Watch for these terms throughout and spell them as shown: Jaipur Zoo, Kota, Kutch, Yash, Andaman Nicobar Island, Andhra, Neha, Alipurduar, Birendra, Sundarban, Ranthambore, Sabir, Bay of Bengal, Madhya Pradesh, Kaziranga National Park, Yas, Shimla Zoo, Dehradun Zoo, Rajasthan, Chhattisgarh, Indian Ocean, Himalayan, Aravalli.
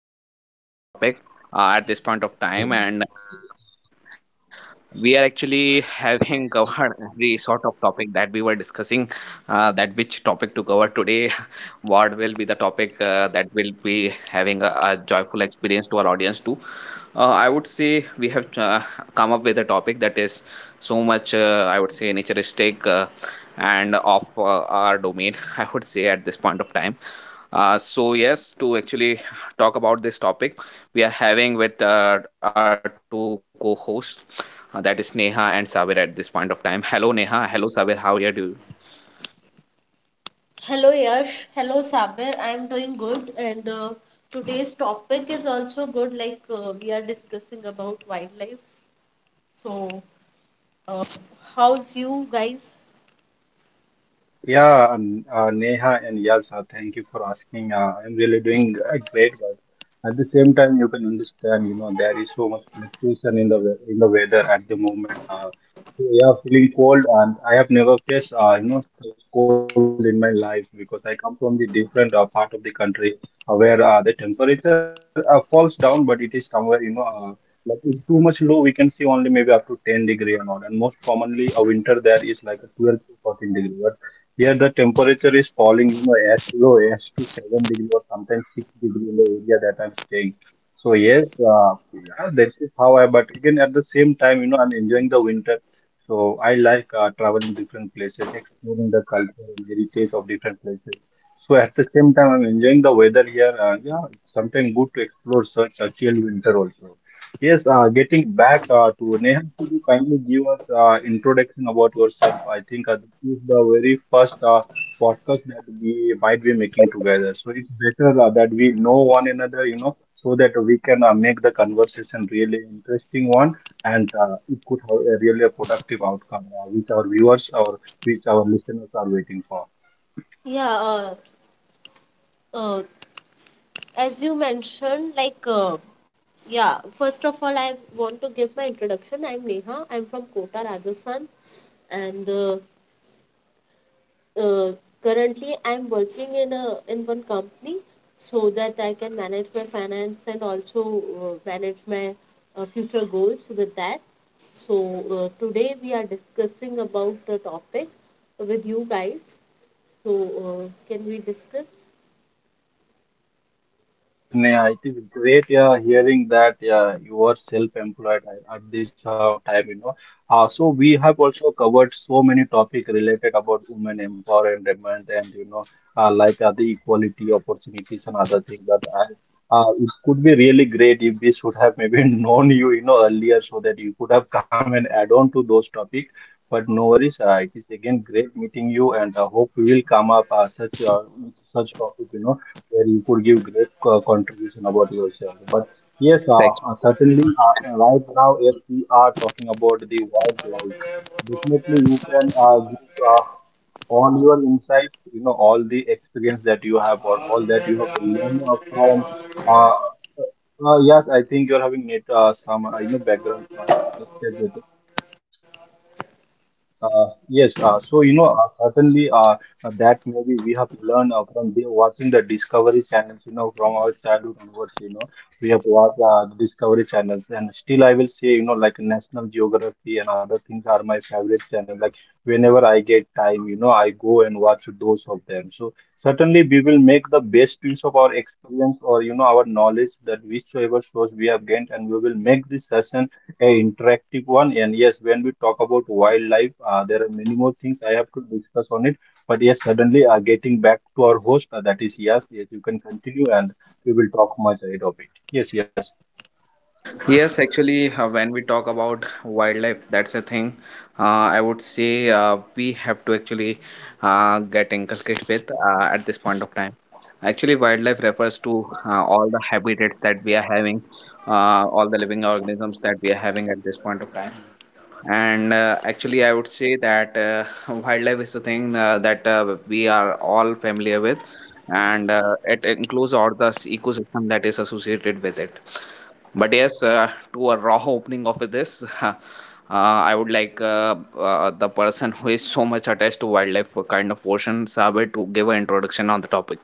with a new topic at this point of time, and we are actually having covered every sort of topic that we were discussing that which topic to cover today what will be the topic that will be having a joyful experience to our audience too. Uh, I would say we have come up with a topic that is so much I would say naturistic, and of our domain, I would say at this point of time. Uh, so yes, to actually talk about this topic, we are having with our two co-hosts, that is Neha and Sabir at this point of time. Hello, Neha. Hello, Sabir. How are you? Hello Yash, hello Sabir. I am doing good, and today's topic is also good. We are discussing about wildlife. So, uh, how's you guys? Yeah, and, Neha and Yas, thank you for asking. I'm really doing a great work. At the same time, you can understand, you know, there is so much fluctuation in the in the weather at the moment. So yeah, feeling cold, and I have never faced, you know, such cold in my life because I come from the different part of the country where the temperature falls down, but it is somewhere, you know, like it's too much low, we can see only maybe up to 10 degrees degree and all. And most commonly, a winter there is like a 12 to 14 degrees degree. Here the temperature is falling, you know, as low as to 7 degrees degree or sometimes 6 degrees degree in the area that I'm staying. So yes, yeah, that is how I, but again at the same time, you know, I'm enjoying the winter. So I like traveling different places, exploring the culture and heritage of different places. So at the same time, I'm enjoying the weather here. Yeah, sometimes good to explore such a chill winter also. Yes, getting back to Neha, could you kindly give us introduction about yourself? I think this is the very first podcast that we might be making together. So it's better that we know one another, you know, so that we can make the conversation really interesting one, and it could have a really productive outcome, which our viewers or which our listeners are waiting for. Yeah. Uh, uh, as you mentioned, yeah. First of all, I want to give my introduction. I'm Neha. I'm from Kota, Rajasthan, and uh, currently I'm working in one company so that I can manage my finance and also manage my future goals with that. So today we are discussing about the topic with you guys. So can we discuss? Yes, yes, Neha, it is great, yeah, hearing that, yeah, you are self-employed at this time, you know. So we have also covered so many topic related about women empowerment and you know like the equality opportunities and other things like that I, it could be really great if we should have maybe known you, you know, earlier so that you could have come and add on to those topics. But no worries, it is again great meeting you, and I hope we will come up such with such topic, you know, where you could give great contribution about yourself. But yes, Sec. Certainly right now, if we are talking about the wildlife, definitely you can give all your insights, you know, all the experience that you have or all that you have learned from. Uh, yes, I think you're having net, some, you know, background. Just check with yes, so you know, certainly that maybe we have learned from the, watching the Discovery channels, you know, from our childhood onwards, you know, we have watched the Discovery channels, and still I will say, you know, like National Geography and other things are my favorite channel. Like whenever I get time, you know, I go and watch those of them. So certainly we will make the best use of our experience, or you know, our knowledge that whichsoever source we have gained, and we will make this session a interactive one. And yes, when we talk about wildlife, there are many more things I have to discuss on it, but yes, suddenly getting back to our host, that is, yes, yes, you can continue and we will talk much ahead of it. Yes, yes, Yes, actually, when we talk about wildlife, that's a thing. I would say we have to actually get inculcate with at this point of time. Actually, wildlife refers to all the habitats that we are having, all the living organisms that we are having at this point of time. And actually, I would say that wildlife is a thing that we are all familiar with, and it includes all the ecosystem that is associated with it. But yes, to a raw opening of this, I would like the person who is so much attached to wildlife kind of portions, Sabir, to give an introduction on the topic.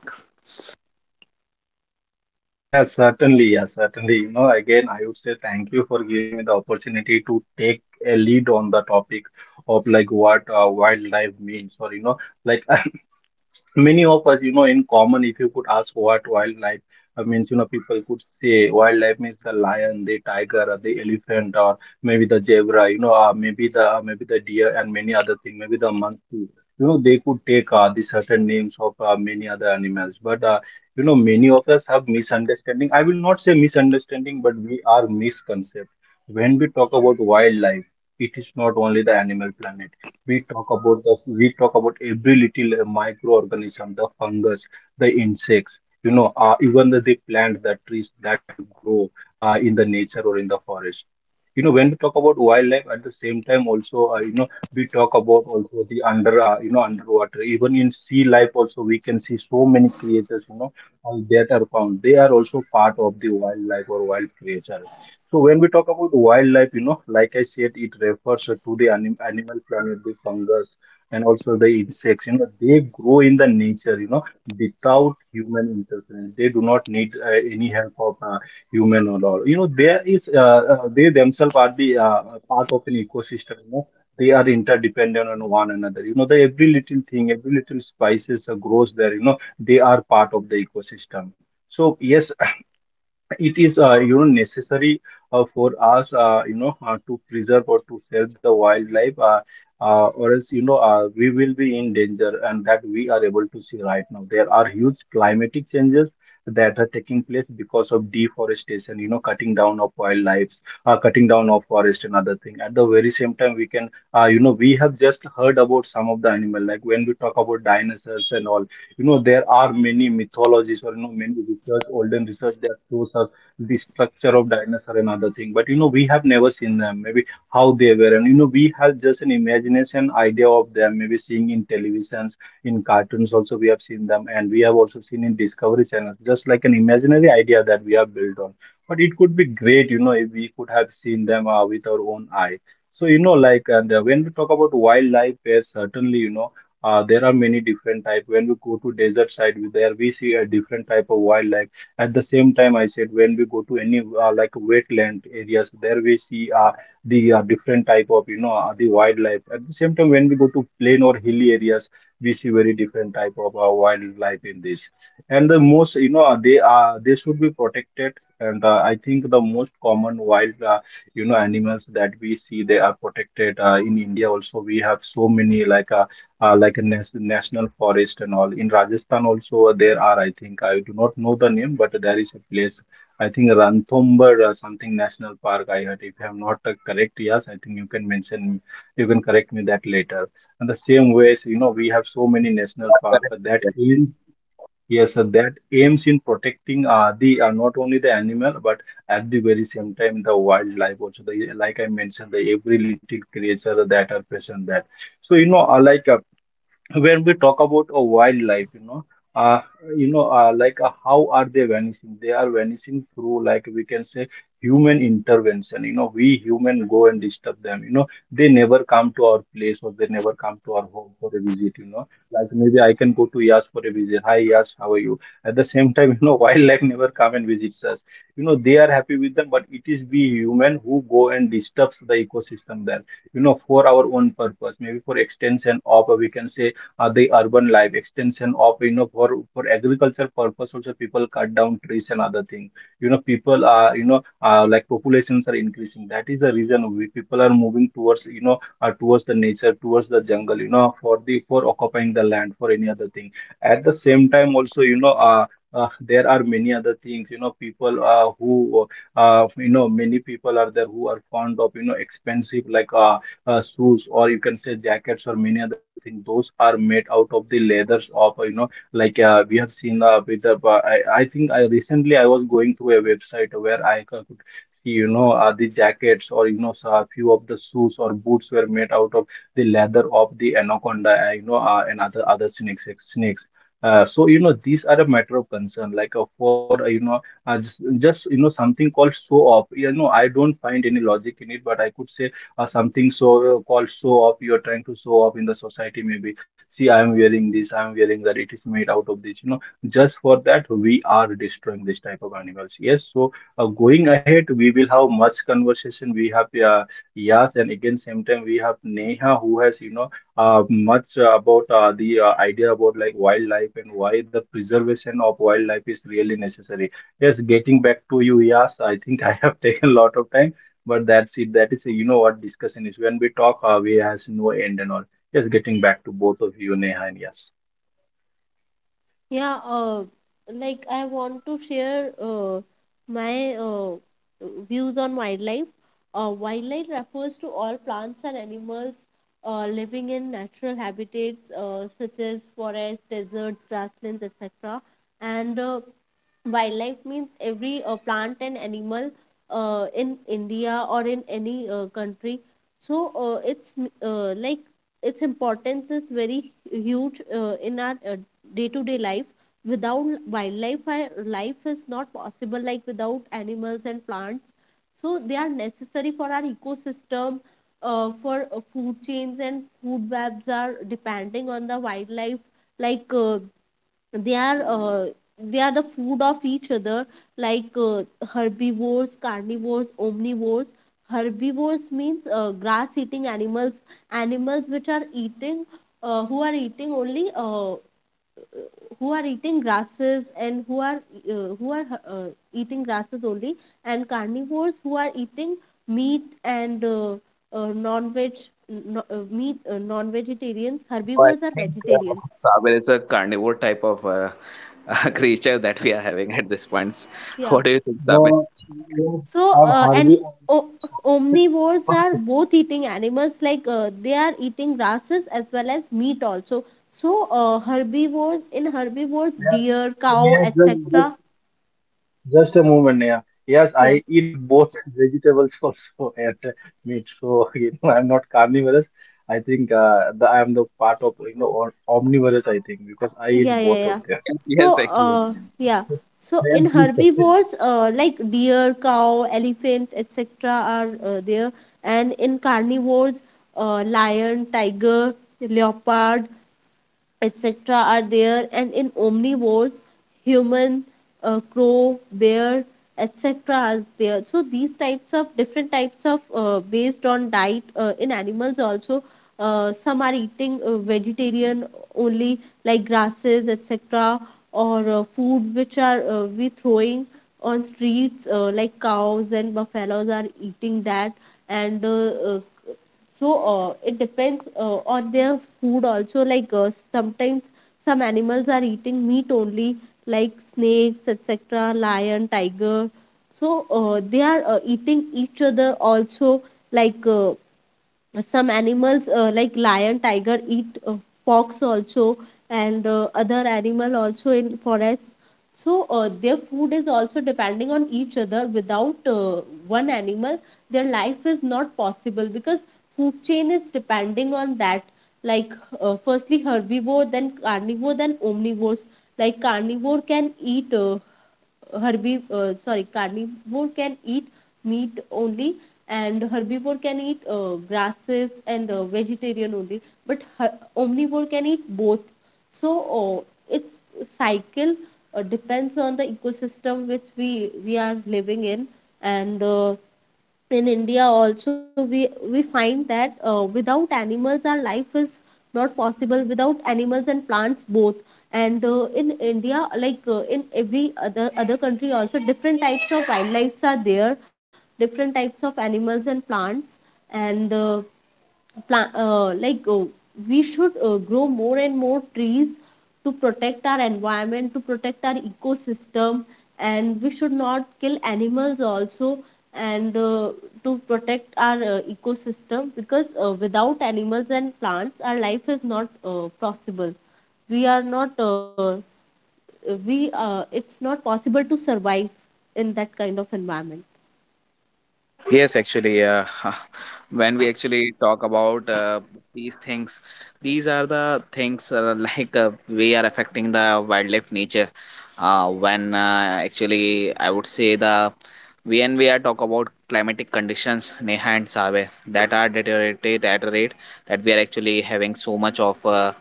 yes, certainly, yes, certainly, you know, again I would say thank you for giving me the opportunity to take a lead on the topic of like what wildlife means, or you know, like many of us, you know, in common, if you could ask what wildlife means, you know, people could say wildlife means the lion, the tiger, or the elephant, or maybe the zebra, you know, maybe the deer and many other things, maybe the monkey. You know, they could take the certain names of many other animals, but you know, many of us have misunderstanding. I will not say misunderstanding, but we are misconcept when we talk about wildlife. It is not only the animal planet we talk about. The, we talk about every little microorganism, the fungus, the insects, you know, even the plant, the trees that grow in the nature or in the forest, you know. When we talk about wildlife, at the same time also, you know, we talk about also the under you know, underwater, even in sea life also we can see so many creatures, you know, that are found. They are also part of the wildlife or wild creatures. So when we talk about the wildlife, you know, like I said, it refers to the animal planet, the fungus, and also the insects. You know, they grow in the nature, you know, without human interference. They do not need any help of human or all. You know, there is they themselves are the part of an ecosystem. You know, they are interdependent on one another. You know, the every little thing, every little spices grows there. You know, they are part of the ecosystem. So yes, it is you know, necessary for us you know, to preserve or to save the wildlife, or else, you know, we will be in danger. And that we are able to see right now, there are huge climatic changes that are taking place because of deforestation, you know, cutting down of wildlife, cutting down of forest and other thing. At the very same time, we can you know, we have just heard about some of the animal, like when we talk about dinosaurs and all, you know, there are many mythologies, or, you know, many research, olden research that shows us the structure of dinosaur and other thing. But, you know, we have never seen them, maybe how they were. And, you know, we have just an imagination idea of them, maybe seeing in televisions, in cartoons also we have seen them. And we have also seen in Discovery Channel, just like an imaginary idea that we have built on. But it could be great, you know, if we could have seen them with our own eye. So, you know, like, and when we talk about wildlife, yes, certainly, you know, there are many different type. When we go to desert side, there we see a different type of wildlife. At the same time, I said, when we go to any like wetland areas, there we see the different type of, you know, the wildlife. At the same time, when we go to plain or hilly areas, we see very different type of wildlife in this. And the most, you know, they are, they should be protected. And I think the most common wild, you know, animals that we see, they are protected in India. Also we have so many, like a national forest and all. In Rajasthan also there are, I think, I do not know the name, but there is a place, I think Ranthambore or something, national park. I heard. If I am not correct, yes, I think you can mention, you can correct me that later. And the same ways, you know, we have so many national park that Correct. aim, yes, that aims in protecting the not only the animal, but at the very same time the wildlife also. The, like I mentioned, the every little creature that are present that. So you know, I like. When we talk about a wildlife, uh, how are they vanishing? They are vanishing through, like, we can say human intervention. You know, we human go and disturb them. You know, they never come to our place, or they never come to our home for a visit. You know, like, maybe I can go to Yas for a visit. Hi Yas, how are you? At the same time, you know, wildlife never come and visits us. You know, they are happy with them, but it is we human who go and disturbs the ecosystem there, you know, for our own purpose, maybe for extension of, we can say, the urban life, extension of, you know, for agriculture purpose also people cut down trees and other thing. You know, people are, you know, like, populations are increasing. That is the reason we people are moving towards, you know, towards the nature, towards the jungle, you know, for the, for occupying the land for any other thing. At the same time also, there are many other things. You know, people, who, you know, many people are there who are fond of, you know, expensive, shoes, or you can say jackets, or many other things, those are made out of the leathers of, you know, we have seen, with the, uh, I think I recently, I was going through a website where I could see, you know, the jackets, or, you know, so a few of the shoes or boots were made out of the leather of the anaconda, and other snakes, snakes. So you know, these are a matter of concern. Like for you know Just you know something called show off. You know, I don't find any logic in it, but I could say, or something. So, called show off. You're trying to show off in the society. Maybe, see, I'm wearing this, I'm wearing that, it is made out of this, you know. Just for that we are destroying this type of animals. Yes. So, going ahead, we will have much conversation. We have, Yas, and again, same time we have Neha, who has, you know, much, about the idea about, like, wildlife and why the preservation of wildlife is really necessary. Yes, getting back to you, Yas, I think I have taken a lot of time, but that's it. That is, you know, what discussion is. When we talk, we has no end and all. Just getting back to both of you, Neha and Yes. Yeah, like I want to share my views on wildlife. Wildlife refers to all plants and animals living in natural habitats such as forests, deserts, grasslands, etc. And wildlife means every plant and animal in India or in any country. So it's like its importance is very huge in our day to day life. Without wildlife, life is not possible, like without animals and plants. So they are necessary for our ecosystem, for food chains and food webs are depending on the wildlife. like uh, they are uh, they are the food of each other, like uh, herbivores, carnivores, omnivores. Herbivores means grass eating animals, animals which are eating, who are eating only who are eating grasses and who are eating grasses only. And carnivores, who are eating meat and non-veg. No, Meat, non-vegetarians. Oh, I Herbivores are think vegetarians. Saber is a carnivore type of creature that we are having at this point. Yeah. What do you think, Saber? Yes, So I've and hardly. o- omnivores are both eating animals, they are eating grasses as well as meat also. So herbivores in herbivores, deer, cow, Neha, just etc. just a moment, Neha. Yes, yeah I eat both vegetables also and meat. So, you know, I'm not carnivorous. I think, I'm the part of, you know, or omnivorous, I think, because I eat yeah. both of Yeah. them. Yes, So, yes, Yes. Yeah. So in Yes, please continue. herbivores, like deer, cow, elephant, etc., are there, and in carnivores, lion, tiger, leopard, etc., are there, and in omnivores, human, crow, bear, etc., are there. So these types of, different types of based on diet in animals also. Some are eating vegetarian only, like grasses, etc., or food which are we throwing on streets, like cows and buffaloes are eating that, and uh, so it depends on their food also, sometimes some animals are eating meat only, like snakes, etc., lion, tiger. So they are eating each other also, like uh, some animals, like lion, tiger eat fox also and other animal also in forests. So their food is also depending on each other. Without one animal, their life is not possible because food chain is depending on that. Like firstly herbivore, then carnivore, then omnivores. Like carnivore can eat, herbiv sorry carnivore can eat meat only, and herbivore can eat grasses and vegetarian only, but omnivore can eat both. So its cycle depends on the ecosystem which we are living in. And in India also, we find that without animals our life is not possible, without animals and plants both. And in India, in every other country also, different types of wildlife are there, different types of animals and plants. And pla- uh, like uh, we should grow more and more trees to protect our environment, to protect our ecosystem. And we should not kill animals also, and to protect our ecosystem, because without animals and plants our life is not possible. We are not we It's not possible to survive in that kind of environment. Yes, actually, when we actually talk about these things, these are the things like we are affecting the wildlife nature. When actually, I would say the when we are talk about climatic conditions, Neha and Save, that are deteriorated at a rate that we are actually having so much of uh,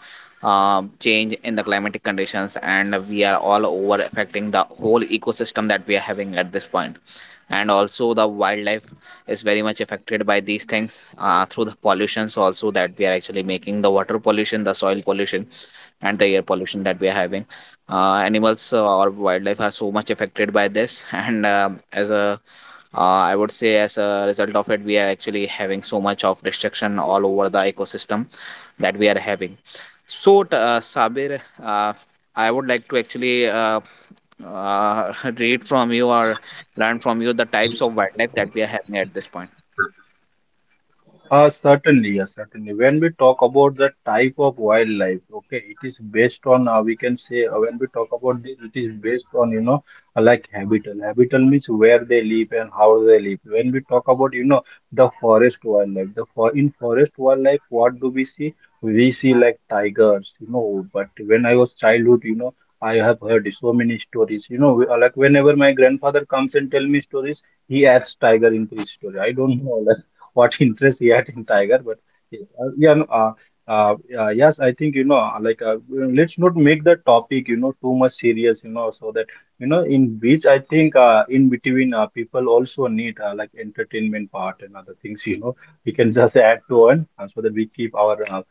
uh, change in the climatic conditions, and we are all over affecting the whole ecosystem that we are having at this point, and also the wildlife is very much affected by these things through the pollutions also that we are actually making: the water pollution, the soil pollution, and the air pollution that we are having. Uh, animals or wildlife are so much affected by this, and as a I would say as a result of it, we are actually having so much of destruction all over the ecosystem that we are having. So Sabir, I would like to actually uh, read from you or learn from you the types of wildlife that we are having at this point. Certainly, yes, certainly. When we talk about the type of wildlife, okay, it is based on, we can say, when we talk about this, it is based on, you know, like, habitat. Habitat means where they live and how they live. When we talk about, you know, the forest wildlife, the for in forest wildlife, what do we see? We see like tigers, you know, but when I was childhood, you know, I have heard so many stories, you know, like whenever my grandfather comes and tell me stories, he adds tiger into his story. I don't know, like, what interest he had in Tiger. But yes, yeah, no, yes, I think, you know, let's not make the topic, you know, too much serious, you know, so that you know, in which I think, in between, people also need, like, entertainment part and other things, you know, we can just add to it, so that we keep our,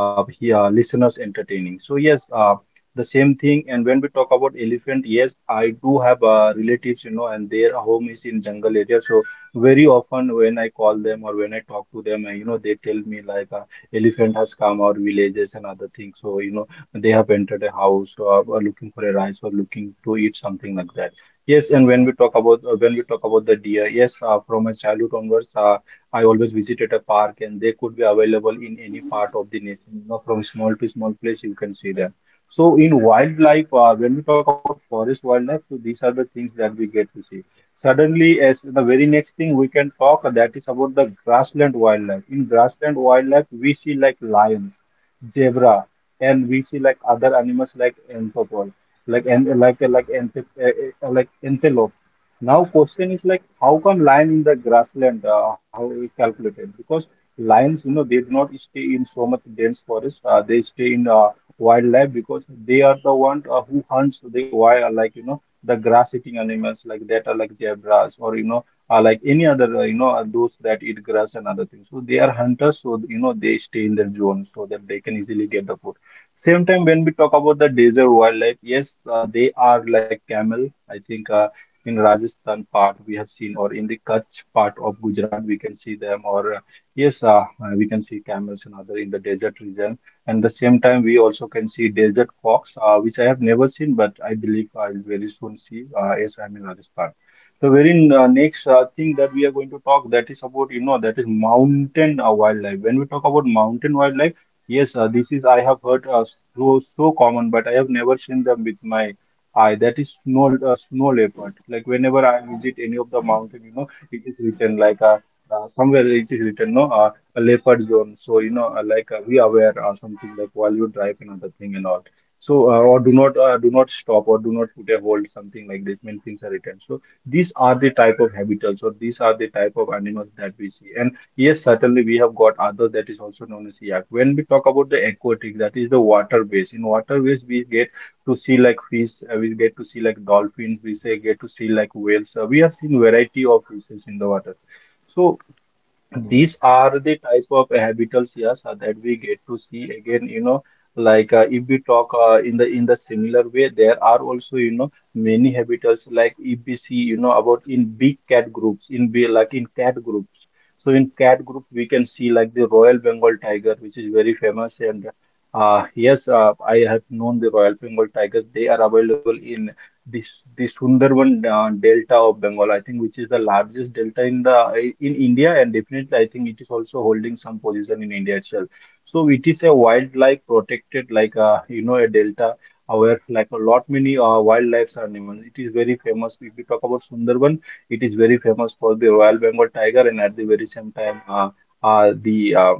listeners entertaining. So yes, the same thing. And when we talk about elephant, yes, I do have relatives, you know, and their home is in jungle area, so very often when I call them, or when I talk to them, you know, they tell me like, elephant has come our villages and other things. So, you know, they have entered a house, or looking for a rice, or looking to eat something like that. Yes, and when we talk about, when we talk about the deer, yes, from my childhood onwards, I always visited a park, and they could be available in any part of the nation. You know, from small to small place, you can see them. So in wildlife, when we talk about forest wildlife, so these are the things that we get to see. Suddenly, as the very next thing we can talk, that is about the grassland wildlife. In grassland wildlife, we see like lions, zebra, and we see like other animals like anthropoid, like and like like anthrop- like antelope. Now, question is, like, how come lion in the grassland? How we calculated? Because lions, you know, they do not stay in so much dense forest. They stay in, wildlife, because they are the one, who hunts the wild, like, you know, the grass eating animals, like, that are, like, zebras, or, you know, are like any other, you know, are those that eat grass and other things. So they are hunters, so, you know, they stay in their zone so that they can easily get the food. Same time, when we talk about the desert wildlife, yes, they are like camel. I think, in Rajasthan part we have seen, or in the Kutch part of Gujarat we can see them, or, yes we can see camels and other in the desert region. And the same time, we also can see desert fox, which I have never seen, but I believe I'll very soon see, as I'm in Rajasthan. The very next thing that we are going to talk, that is about, you know, that is mountain wildlife. When we talk about mountain wildlife, yes, this is I have heard, so so common, but I have never seen them with my eye. That is snow, snow leopard. Like, whenever I visit any of the mountain, you know, it is written like, somewhere it is written, no. A leopard zone. So, you know, be aware or something, like, while you drive, another thing and all. So, or do not, do not stop, or do not put a hold, something like this. Many things are written. So, these are the type of habitats, or these are the type of animals that we see. And yes, certainly we have got others, that is also known as yak. When we talk about the aquatic, that is the water base. In water base, we get to see like fish, we get to see like dolphins, we say get to see like whales. We have seen variety of fishes in the water. So these are the types of habitals, yes, that we get to see. Again, you know, if we talk, in the, in the similar way, there are also, you know, many habitals, like, if we see, you know, about in big cat groups, in be like in cat groups. So in cat group, we can see like the Royal Bengal tiger, which is very famous. And yes, I have known the Royal Bengal tiger. They are available in this, the Sundarban Delta of Bengal, I think, which is the largest delta in the, in India, and definitely, I think it is also holding some position in India itself. So it is a wildlife protected, you know, a delta where, like, a lot many wildlife are animals. It is very famous. If we talk about Sundarban, it is very famous for the Royal Bengal tiger, and at the very same time, the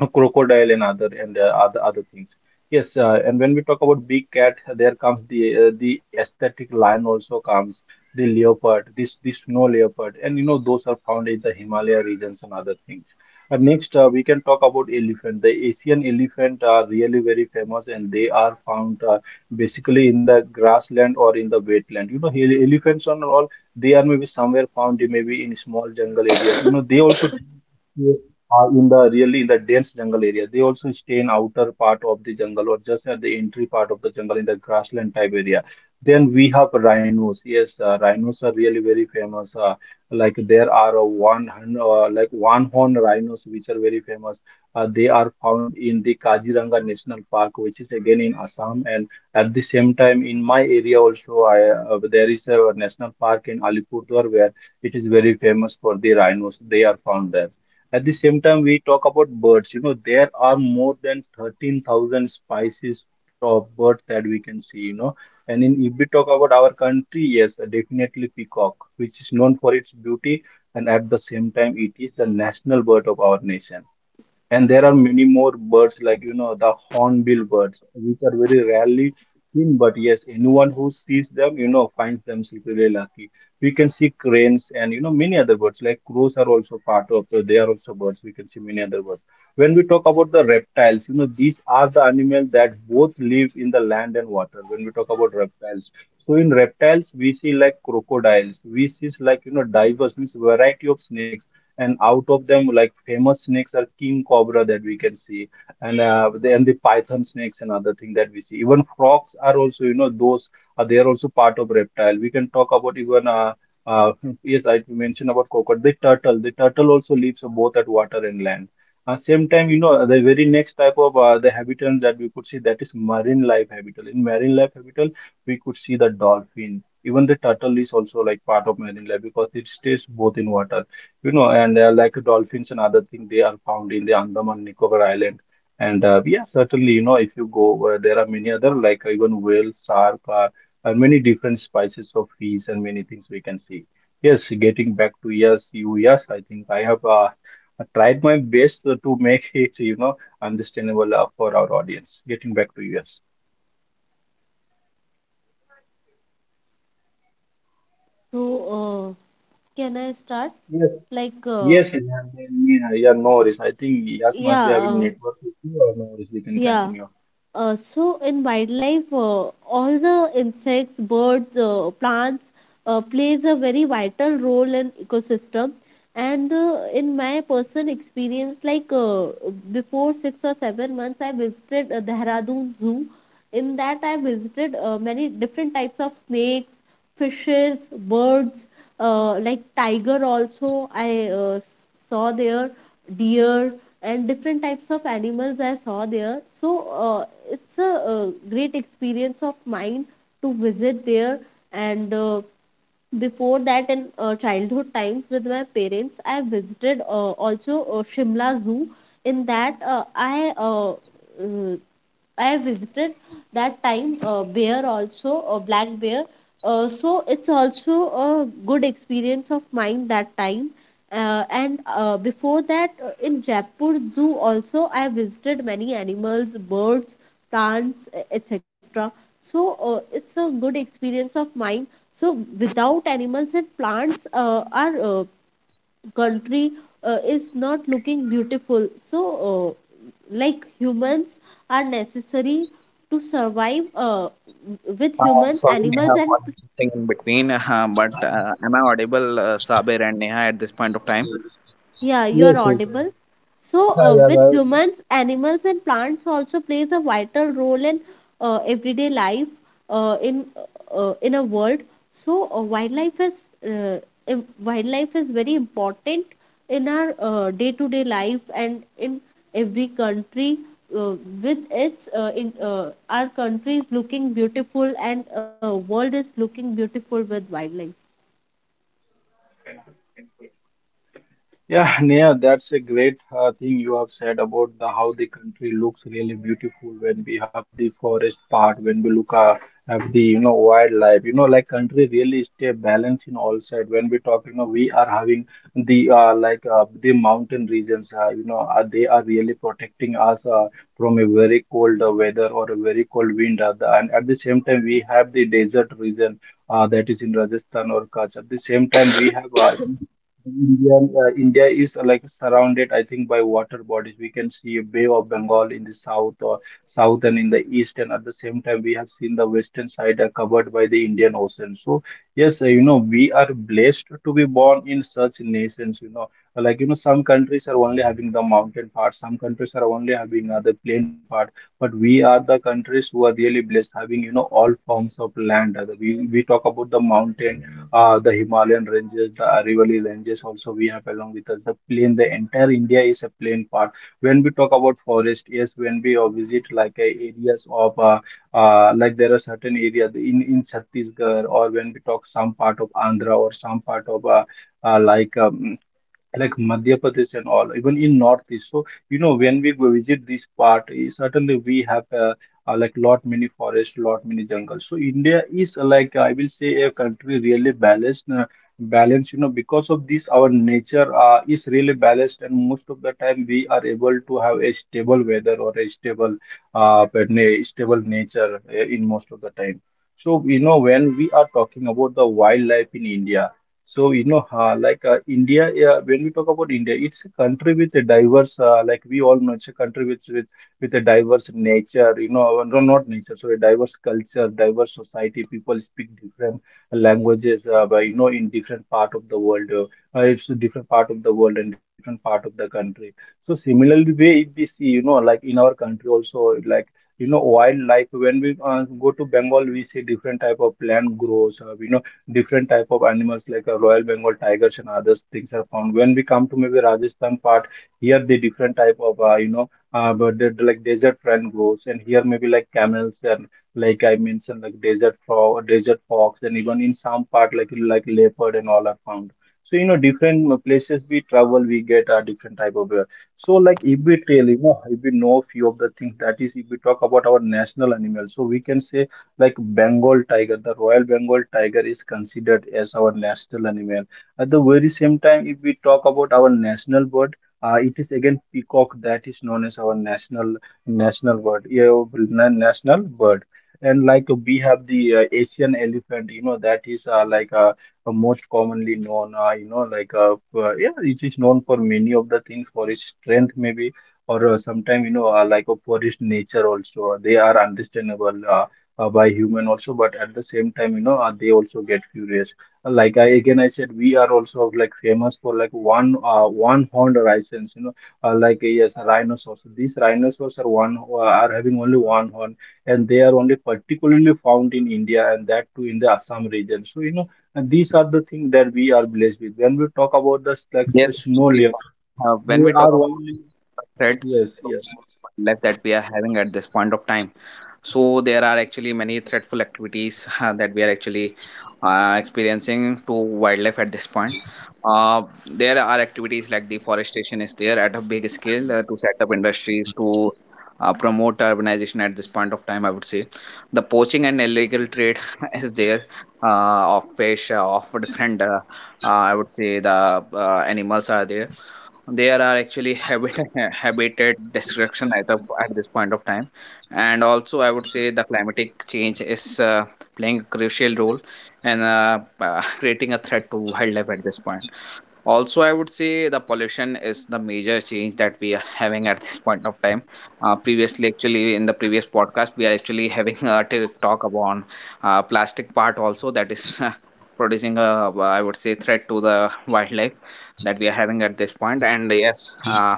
a crocodile and other, and, uh, other things. Yes, and when we talk about big cat, there comes the, the aesthetic lion also comes, the leopard, this snow leopard, and, you know, those are found in the Himalaya regions and other things. And next, we can talk about elephant. The Asian elephant are really very famous, and they are found, basically in the grassland or in the wetland. You know, ele-, elephants and all, they are maybe somewhere found, maybe in small jungle areas. You know, they also are in the really, in the dense jungle area. They also stay in outer part of the jungle, or just at the entry part of the jungle, in the grassland type area. Then we have rhinos. Yes, rhinos are really very famous. Like, there are, uh, one horn rhinos, which are very famous. They are found in the Kaziranga National Park, which is again in Assam. And at the same time, in my area also, I, there is a national park in Alipurduar where it is very famous for the rhinos. They are found there. At the same time, we talk about birds. You know, there are more than 13,000 species of birds that we can see, you know. If we talk about our country, yes, definitely peacock, which is known for its beauty, and at the same time, it is the national bird of our nation. And there are many more birds like the hornbill birds, which are very rarely seen. But yes, anyone who sees them finds themselves really lucky. We can see cranes and many other birds like crows are also part of, so they are also birds. We can see many other birds. When we talk about the reptiles, these are the animals that both live in the land and water. When we talk about reptiles, so in reptiles we see like crocodiles, we see like, diverse means variety of snakes. And out of them, like, famous snakes are king cobra that we can see. And the python snakes and other thing that we see, even frogs are also, those are they are also part of reptile. We can talk about even uh, yes, I mentioned about crocodile. The turtle also lives both at water and land. Same time, the very next type of the habitat that we could see, that is marine life habitat. In marine life habitat, we could see the dolphin. Even the turtle is also like part of marine life because it stays both in water, and they like dolphins and other things. They are found in the Andaman Nicobar Island. And Yeah, certainly, if you go, there are many other like even whale, shark, and many different species of fish and many things we can see. Yes, getting back to yes, you yes, I think I have tried my best to make it, understandable for our audience. Getting back to yes. So uh, can I start? Yes, like uh, yes, and then, yeah, yeah, no worries. I think yes must yeah be having uh, network issue or no worries. We can yeah continue. So in wildlife, all the insects, birds, plants plays a very vital role in ecosystem. And in my personal experience, before 6 or 7 months, I visited Dehradun Zoo. In that, I visited many different types of snakes, fishes, birds, like tiger also. Saw there, deer and different types of animals I saw there. So it's a great experience of mine to visit there. And before that, in childhood times with my parents, I visited also Shimla Zoo. In that uh, I visited that time bear also, black bear. So it's also a good experience of mine that time. And Before that in Jaipur Zoo also, I visited many animals, birds, plants, etc. So it's a good experience of mine. So without animals and plants, are country is not looking beautiful. So uh, like humans are necessary to survive. With humans, Sorry, animals Neha, and, for thing in between, but am I audible, Sabir and Neha, at this point of time? yeah, you are Yes, yes. Yes. audible. So, Yeah, yeah, with well, humans, animals, and plants also plays a vital role in everyday life in a world. So, wildlife is uh, wildlife is very important in our day to day life and in every country. Uh, with its in our country is looking beautiful, and world is looking beautiful with wildlife. yeah, Neha, that's a great thing you have said about the how the country looks really beautiful when we have the forest part, when we look at have the wildlife, like country really stay balanced in all side. When we talk, we are having the the mountain regions, they are really protecting us from a very cold weather or a very cold wind, and at the same time we have the desert region that is in Rajasthan or Kutch. At the same time, we have India is like surrounded, I think, by water bodies. We can see Bay of Bengal in the south and in the east, and at the same time, we have seen the western side are covered by the Indian Ocean. So yes, you know, we are blessed to be born in such nations. You know, some countries are only having the mountain part, some countries are only having the plain part, but we are the countries who are really blessed having all forms of land. We talk about the mountain the Himalayan ranges, the Aravalli ranges also we have along with us. The plain, the entire India is a plain part. When we talk about forest, yes, when we visit like areas of like there are certain areas in Chhattisgarh or when we talk some part of Andhra or some part of uh, like um, like Madhya Pradesh and all, even in Northeast. So, you know, when we go visit this part, certainly we have like lot many forests, lot many jungles. So India is like, I will say, a country really balanced, balanced. You know, because of this, our nature is really balanced, and most of the time we are able to have a stable weather or a stable, stable nature in most of the time. So, you know, when we are talking about the wildlife in India. So, you know, when we talk about India, it's a country with a diverse, like we all know, it's a country with a diverse nature. You know, not nature, so a diverse culture, diverse society. People speak different languages, but you know, in different part of the world, it's a different part of the world and different part of the country. So, similarly, way if we see, you know, like in our country also, like, you know, wildlife. When we go to Bengal, we see different type of plant grows. You know, different type of animals like Royal Bengal tigers and other things are found. When we come to maybe Rajasthan part, here the different type of you know but like desert fern grows, and here maybe like camels and like I mentioned, like desert frog, desert fox, and even in some part like leopard and all are found. So you know, different places we travel, we get a different type of. So, like, if we tell, you know, if we know few of the things, that is, if we talk about our national animals, so we can say like Bengal tiger, the Royal Bengal tiger is considered as our national animal. At the very same time, if we talk about our national bird, it is again peacock that is known as our national bird, yeah, national bird. And like we have the Asian elephant, you know, that is most commonly known, you know, like yeah, it is known for many of the things for its strength maybe, or sometime you know for its nature also. They are understandable. By human also, but at the same time, you know, they also get furious. Like, I again I said, we are also like famous for like one horned license, you know, like yes, rhinoceros. These rhinoceros are one are having only one horn, and they are only particularly found in India, and that too in the Assam region. So, you know, and these are the things that we are blessed with when we talk about the, like, Yes, the snow actually, layer. so, when We we talk are only. about the threats Yes, to yes. life that we are having at this point of time, so there are actually many threatful activities that we are actually experiencing to wildlife at this point. Uh, there are activities like deforestation is there at a big scale to set up industries, to promote urbanization at this point of time. I would say the poaching and illegal trade is there, of fish, of different I would say the animals are there. There are actually habit habitat destruction at the at this point of time, and also I would say the climatic change is playing a crucial role and creating a threat to wildlife at this point. Also, I would say the pollution is the major change that we are having at this point of time. Uh, previously, actually, in the previous podcast, we are actually having a talk about plastic part also that is producing I would say threat to the wildlife that we are having at this point. And yes,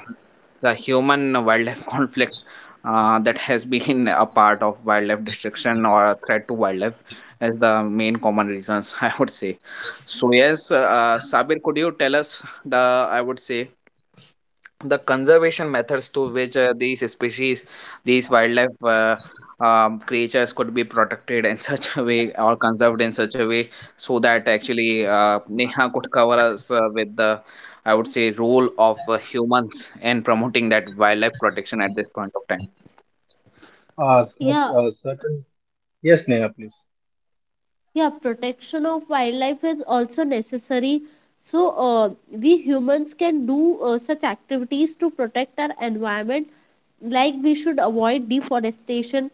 the human wildlife conflict that has been a part of wildlife destruction or a threat to wildlife as the main common reasons, I would say. So yes, Sabir, could you tell us the I would say the conservation methods to which these species, these wildlife, creatures could be protected in such a way or conserved in such a way so that actually Neha could cover us with the I would say role of humans in promoting that wildlife protection at this point of time. Yeah, certain. Yes, Neha, please. yeah, protection of wildlife is also necessary. So we humans can do such activities to protect our environment, like we should avoid deforestation.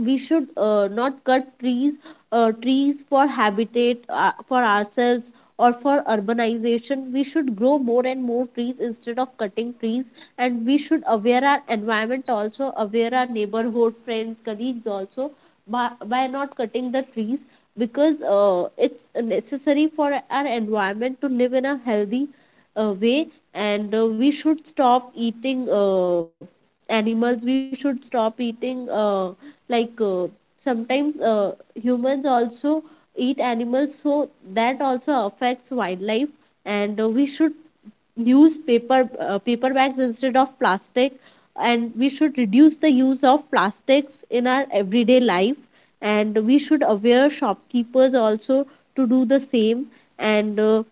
We should not cut trees for habitat for ourselves or for urbanization. We should grow more and more trees instead of cutting trees, and we should aware our environment also, aware our neighborhood, friends, colleagues also, by not cutting the trees, because it's necessary for our environment to live in a healthy way. And we should stop eating animals. We should stop eating, like uh, sometimes humans also eat animals, so that also affects wildlife. And we should use paper bags instead of plastic, and we should reduce the use of plastics in our everyday life. And we should aware shopkeepers also to do the same. And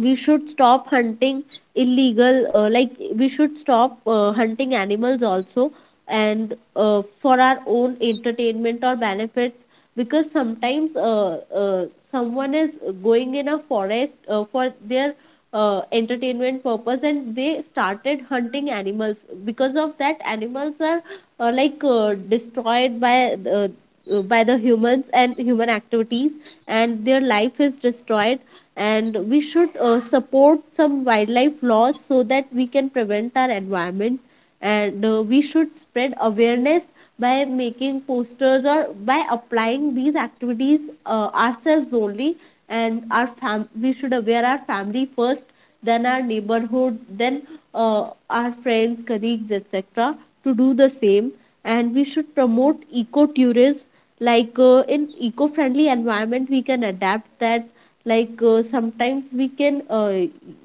we should stop hunting, illegal, like we should stop hunting animals also, and for our own entertainment or benefits. Because sometimes someone is going in a forest for their entertainment purpose, and they started hunting animals. Because of that, animals are destroyed by by the humans and human activities, and their life is destroyed. And we should support some wildlife laws, so that we can prevent our environment. And we should spread awareness by making posters or by applying these activities ourselves only. And we should aware our family first, then our neighborhood, then our friends, colleagues, etc., to do the same. And we should promote eco tourism. In eco friendly environment, we can adapt that. Like sometimes we can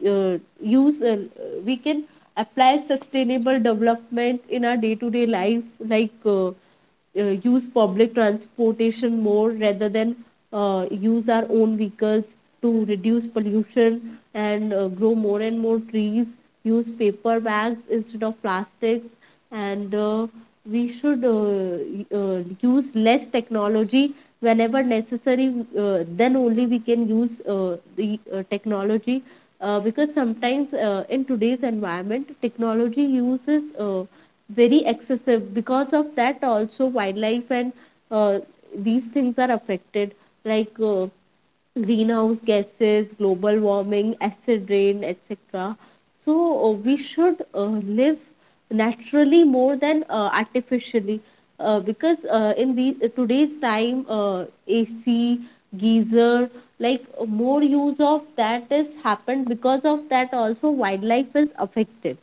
use We can apply sustainable development in our day to day life, use public transportation more, rather than use our own vehicles, to reduce pollution. And grow more and more trees, use paper bags instead of plastics. And we should use less technology whenever necessary. Then only we can use the technology. Because sometimes in today's environment, technology uses very excessive. Because of that also, wildlife and uh, these things are affected, like uh, greenhouse gases, global warming, acid rain, etc. So we should live naturally more than artificially, because in the today's time, AC, geyser, more use of that is happened. Because of that also, wildlife is affected.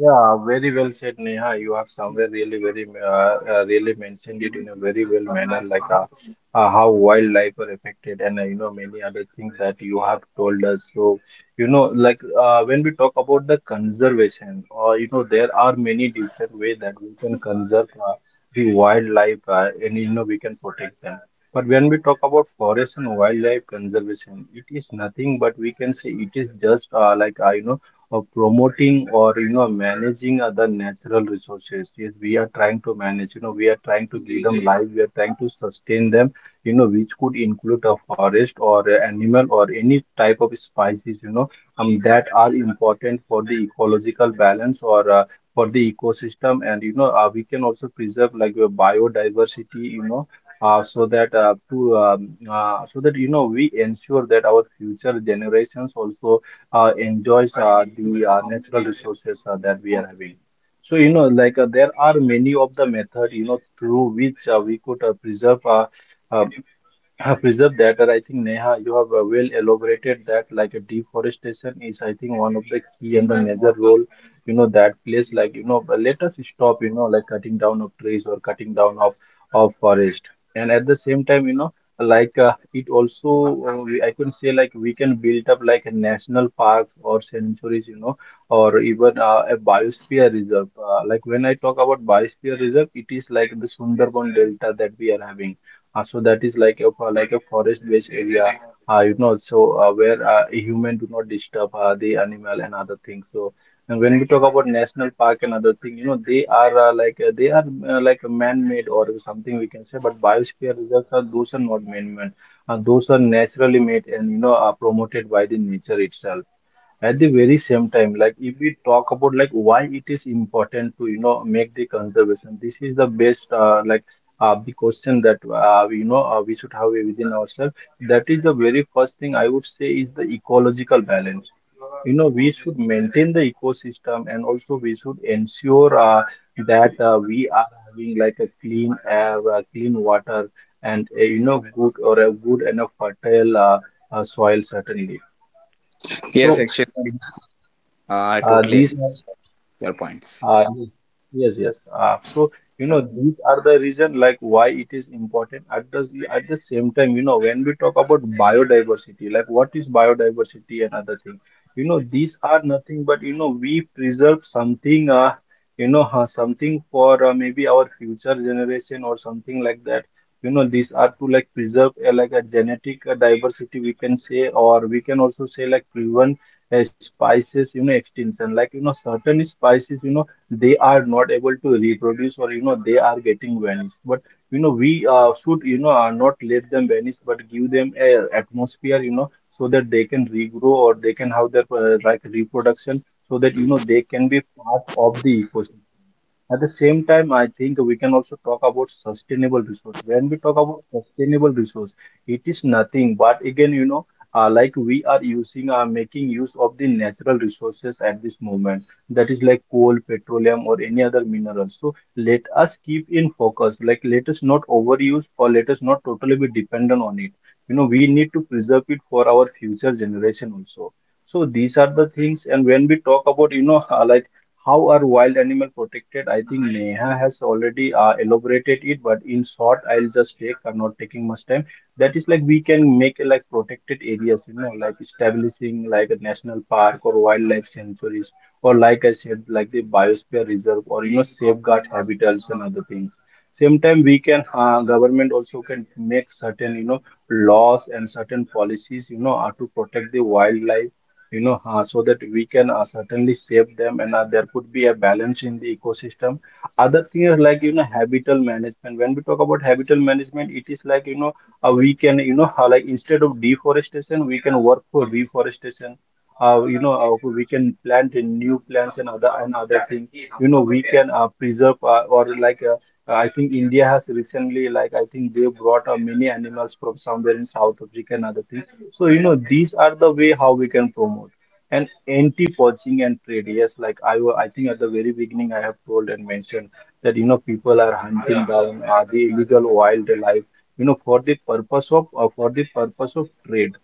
Yeah, very well said, Neha. You have somewhere really very really mentioned it in a very well manner, like how wildlife are affected, and you know, many other things that you have told us. So, you know, like when we talk about the conservation, or you know, there are many different ways that we can conserve the wildlife, and you know we can protect them. But when we talk about forest and wildlife conservation, it is nothing but we can say it is just you know, promoting or you know managing other natural resources. Yes, we are trying to manage, you know, we are trying to give them life, we are trying to sustain them, you know, which could include a forest or a animal or any type of species, you know, that are important for the ecological balance or for the ecosystem. And you know, we can also preserve like your biodiversity, you know, so that to so that you know we ensure that our future generations also enjoys the natural resources that we are having. So, you know, like there are many of the method, you know, through which we could preserve uh, I have that, and I think, Neha, you have well elaborated that. Like, a deforestation is, I think, one of the key and the major role. You know that plays, like, you know. But Let us stop, you know, like, cutting down of trees or cutting down of forest, and at the same time, you know, like, it also I can say like, we can build up like a national parks or sanctuaries. You know, or even a biosphere reserve. Like, when I talk about biosphere reserve, it is like the Sundarban Delta that we are having, so that is like a like a forest-based area, you know, so where a human do not disturb the animal and other things. So, and when we talk about national park and other thing, you know, they are they are like a man-made or something we can say, but biosphere reserves are those are not man-made, and those are naturally made and you know are promoted by the nature itself. At the very same time, like if we talk about like why it is important to make the conservation, this is the best the question that we should have within ourselves. That is the very first thing I would say is the ecological balance. You know we should maintain the ecosystem and also we should ensure that we are having like a clean air, clean water, and a, you know good or a good enough fertile soil certainly. Yes, So. actually, I totally These agree are with your points. uh, yes, yes. So you know these are the reason like why it is important. At the same time, you know when we talk about biodiversity, like what is biodiversity and other thing, you know these are nothing but you know we preserve something. You know something for maybe our future generation or something like that. You know these are to like preserve like a genetic diversity we can say, or we can also say like prevent spices you know extinction like you know certain spices you know they are not able to reproduce or you know they are getting vanished but you know we should not let them vanish but give them a atmosphere you know so that they can regrow or they can have their like reproduction so that you know they can be part of the ecosystem at the same time, I think we can also talk about sustainable resource. When we talk about sustainable resource, it is nothing but again, you know, like we are using, making use of the natural resources at this moment that is like coal, petroleum, or any other minerals. So let us keep in focus, like let us not overuse or let us not totally be dependent on it. You know, we need to preserve it for our future generation also. So these are the things, and when we talk about, you know, like how are wild animal protected, I think Neha has already elaborated it, but in short, I'll just take, I'm not taking much time that is like we can make like protected areas you know like establishing like a national park or wildlife sanctuaries or like I said, like the biosphere reserve or you know safeguard habitats and other things. Same time, we can government also can make certain you know laws and certain policies you know are to protect the wildlife so that we can certainly save them and there could be a balance in the ecosystem. Other things like you know habitat management. When we talk about habitat management, it is like you know we can you know how like instead of deforestation we can work for reforestation we can plant in new plants and other thing you know we can preserve or like I think India has recently like I think they brought many animals from somewhere in South Africa and other things so you know these are the way how we can promote and anti poaching and trade, yes, like I think at the very beginning I have told and mentioned that you know people are hunting down the illegal wildlife you know for the purpose of, for the purpose of trade.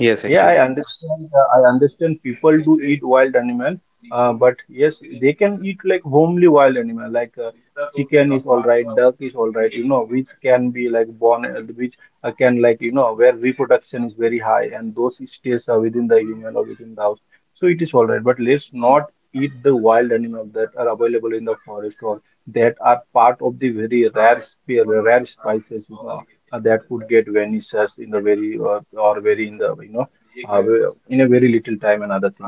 Yes, Yeah, I actually. understand. I understand people do eat wild animal, but yes, they can eat like homely wild animal, like chicken is all right, duck is all right, you know, which can be like born, which can like you know where reproduction is very high, and those stays are within the human or within the house, so it is all right. But let's not eat the wild animal that are available in the forest or that are part of the very rare spices, you know, that could get vanishes in the very or very in the uh, in a very little time and other thing.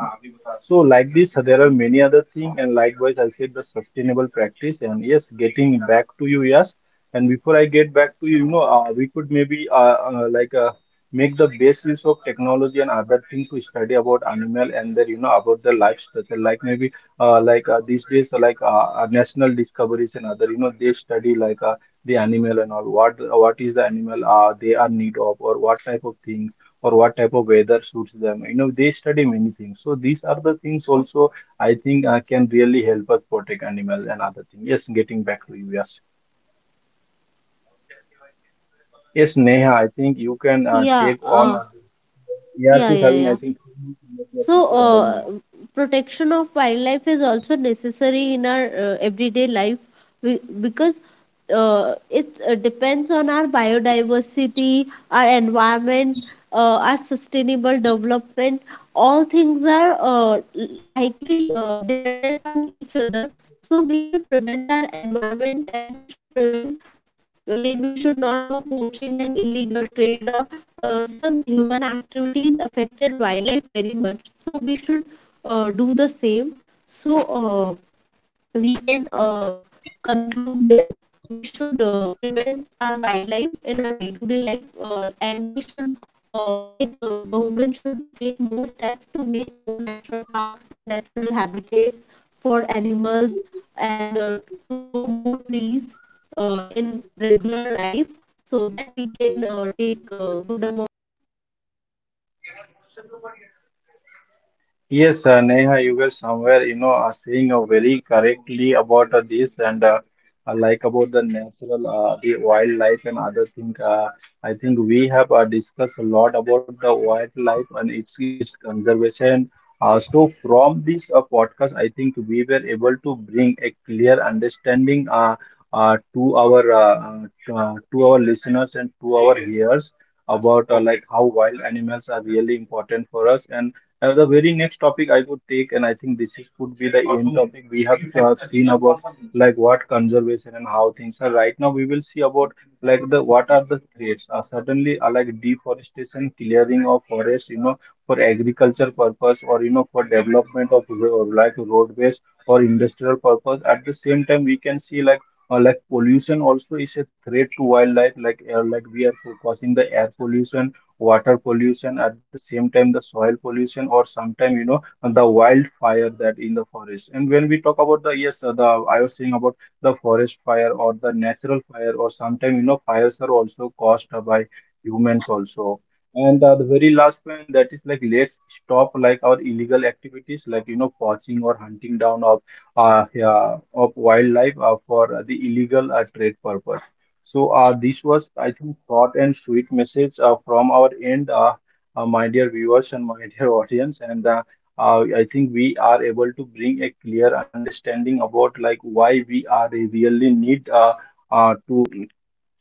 So like this, there are many other thing, and likewise I said the sustainable practice and yes, getting back to you, yes. And before I get back to you, you know, we could maybe uh, like uh, make the best use of technology and other things to study about animal and their, you know, about their life structure. Like maybe these days, national discoveries and other, you know, they study like the animal and all. What is the animal they are need of or what type of things or what type of weather suits them. You know, they study many things. So these are the things also I think can really help us protect animals and other things. Yes, getting back to you. Yes, yes, Neha. I think you can Yeah, take on. uh, Yes, yeah, is yeah, having I yeah. think two minutes left to So, start the moment. protection of wildlife is also necessary in our everyday life. Because it depends on our biodiversity, our environment, our sustainable development. All things are likely dependent on each other. So we should prevent our environment, and we should prevent, like we should not do poaching and illegal trade, or some human activities affected wildlife very much. So we should do the same. So we can conclude this. We should prevent our wildlife in our day to day life, and we should government should take more steps to make more natural parks and natural habitats for animals. And to grow more trees in regular life, so that we can take a good amount of oxygen. And so it's good. Yes, It's a Neha, good you guys topic to discuss. somewhere, you know, are saying very correctly about this and like about the natural, the wildlife and other thing. I think we have discussed a lot about the wildlife and its conservation. So from this podcast, I think we were able to bring a clear understanding to our listeners and to our hearers about like how wild animals are really important for us and the very next topic I could take, and I think this is, could be the end topic we have seen about like what conservation and how things are. Right now, we will see about like the what are the threats. Certainly, like deforestation, clearing of forests, you know, for agriculture purpose or you know for development of like roadways or industrial purpose. At the same time, we can see like. Like pollution also is a threat to wildlife like we are causing the air pollution, water pollution, at the same time the soil pollution or sometime you know the wildfire that in the forest. And when we talk about the, yes, the I was saying about the forest fire or the natural fire or sometime you know fires are also caused by humans also. And the very last point, that is like let's stop like our illegal activities like you know poaching or hunting down of, yeah, of wildlife for the illegal trade purpose. So this was, I think, short and sweet message from our end, my dear viewers and my dear audience. And I think we are able to bring a clear understanding about like why we are really need uh, to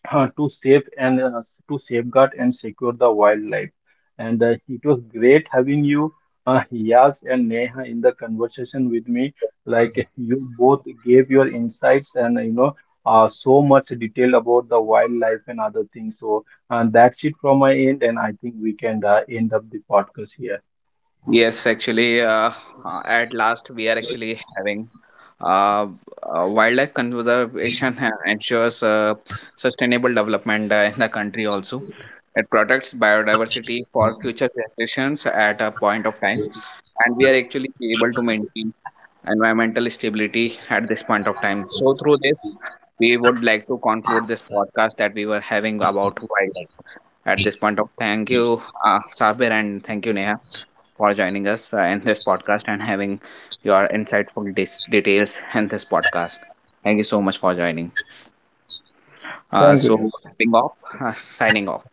to save and to safeguard and secure the wildlife. And it was great having you, Yas and Neha, in the conversation with me. Like you both gave your insights and you know so much detail about the wildlife and other things. So that's it from my end, and I think we can end up the podcast here. Yes, actually, at last we are actually having Uh, wildlife conservation ensures sustainable development in the country also. It protects biodiversity for future generations at a point of time, and we are actually able to maintain environmental stability at this point of time. So, through this, we would like to conclude this podcast that we were having about wildlife at this point of. Thank you, Sabir, and thank you, Neha, for joining us in this podcast and having your insightful details in this podcast. Thank you so much for joining. Thank you, So, Yas. signing off, signing off.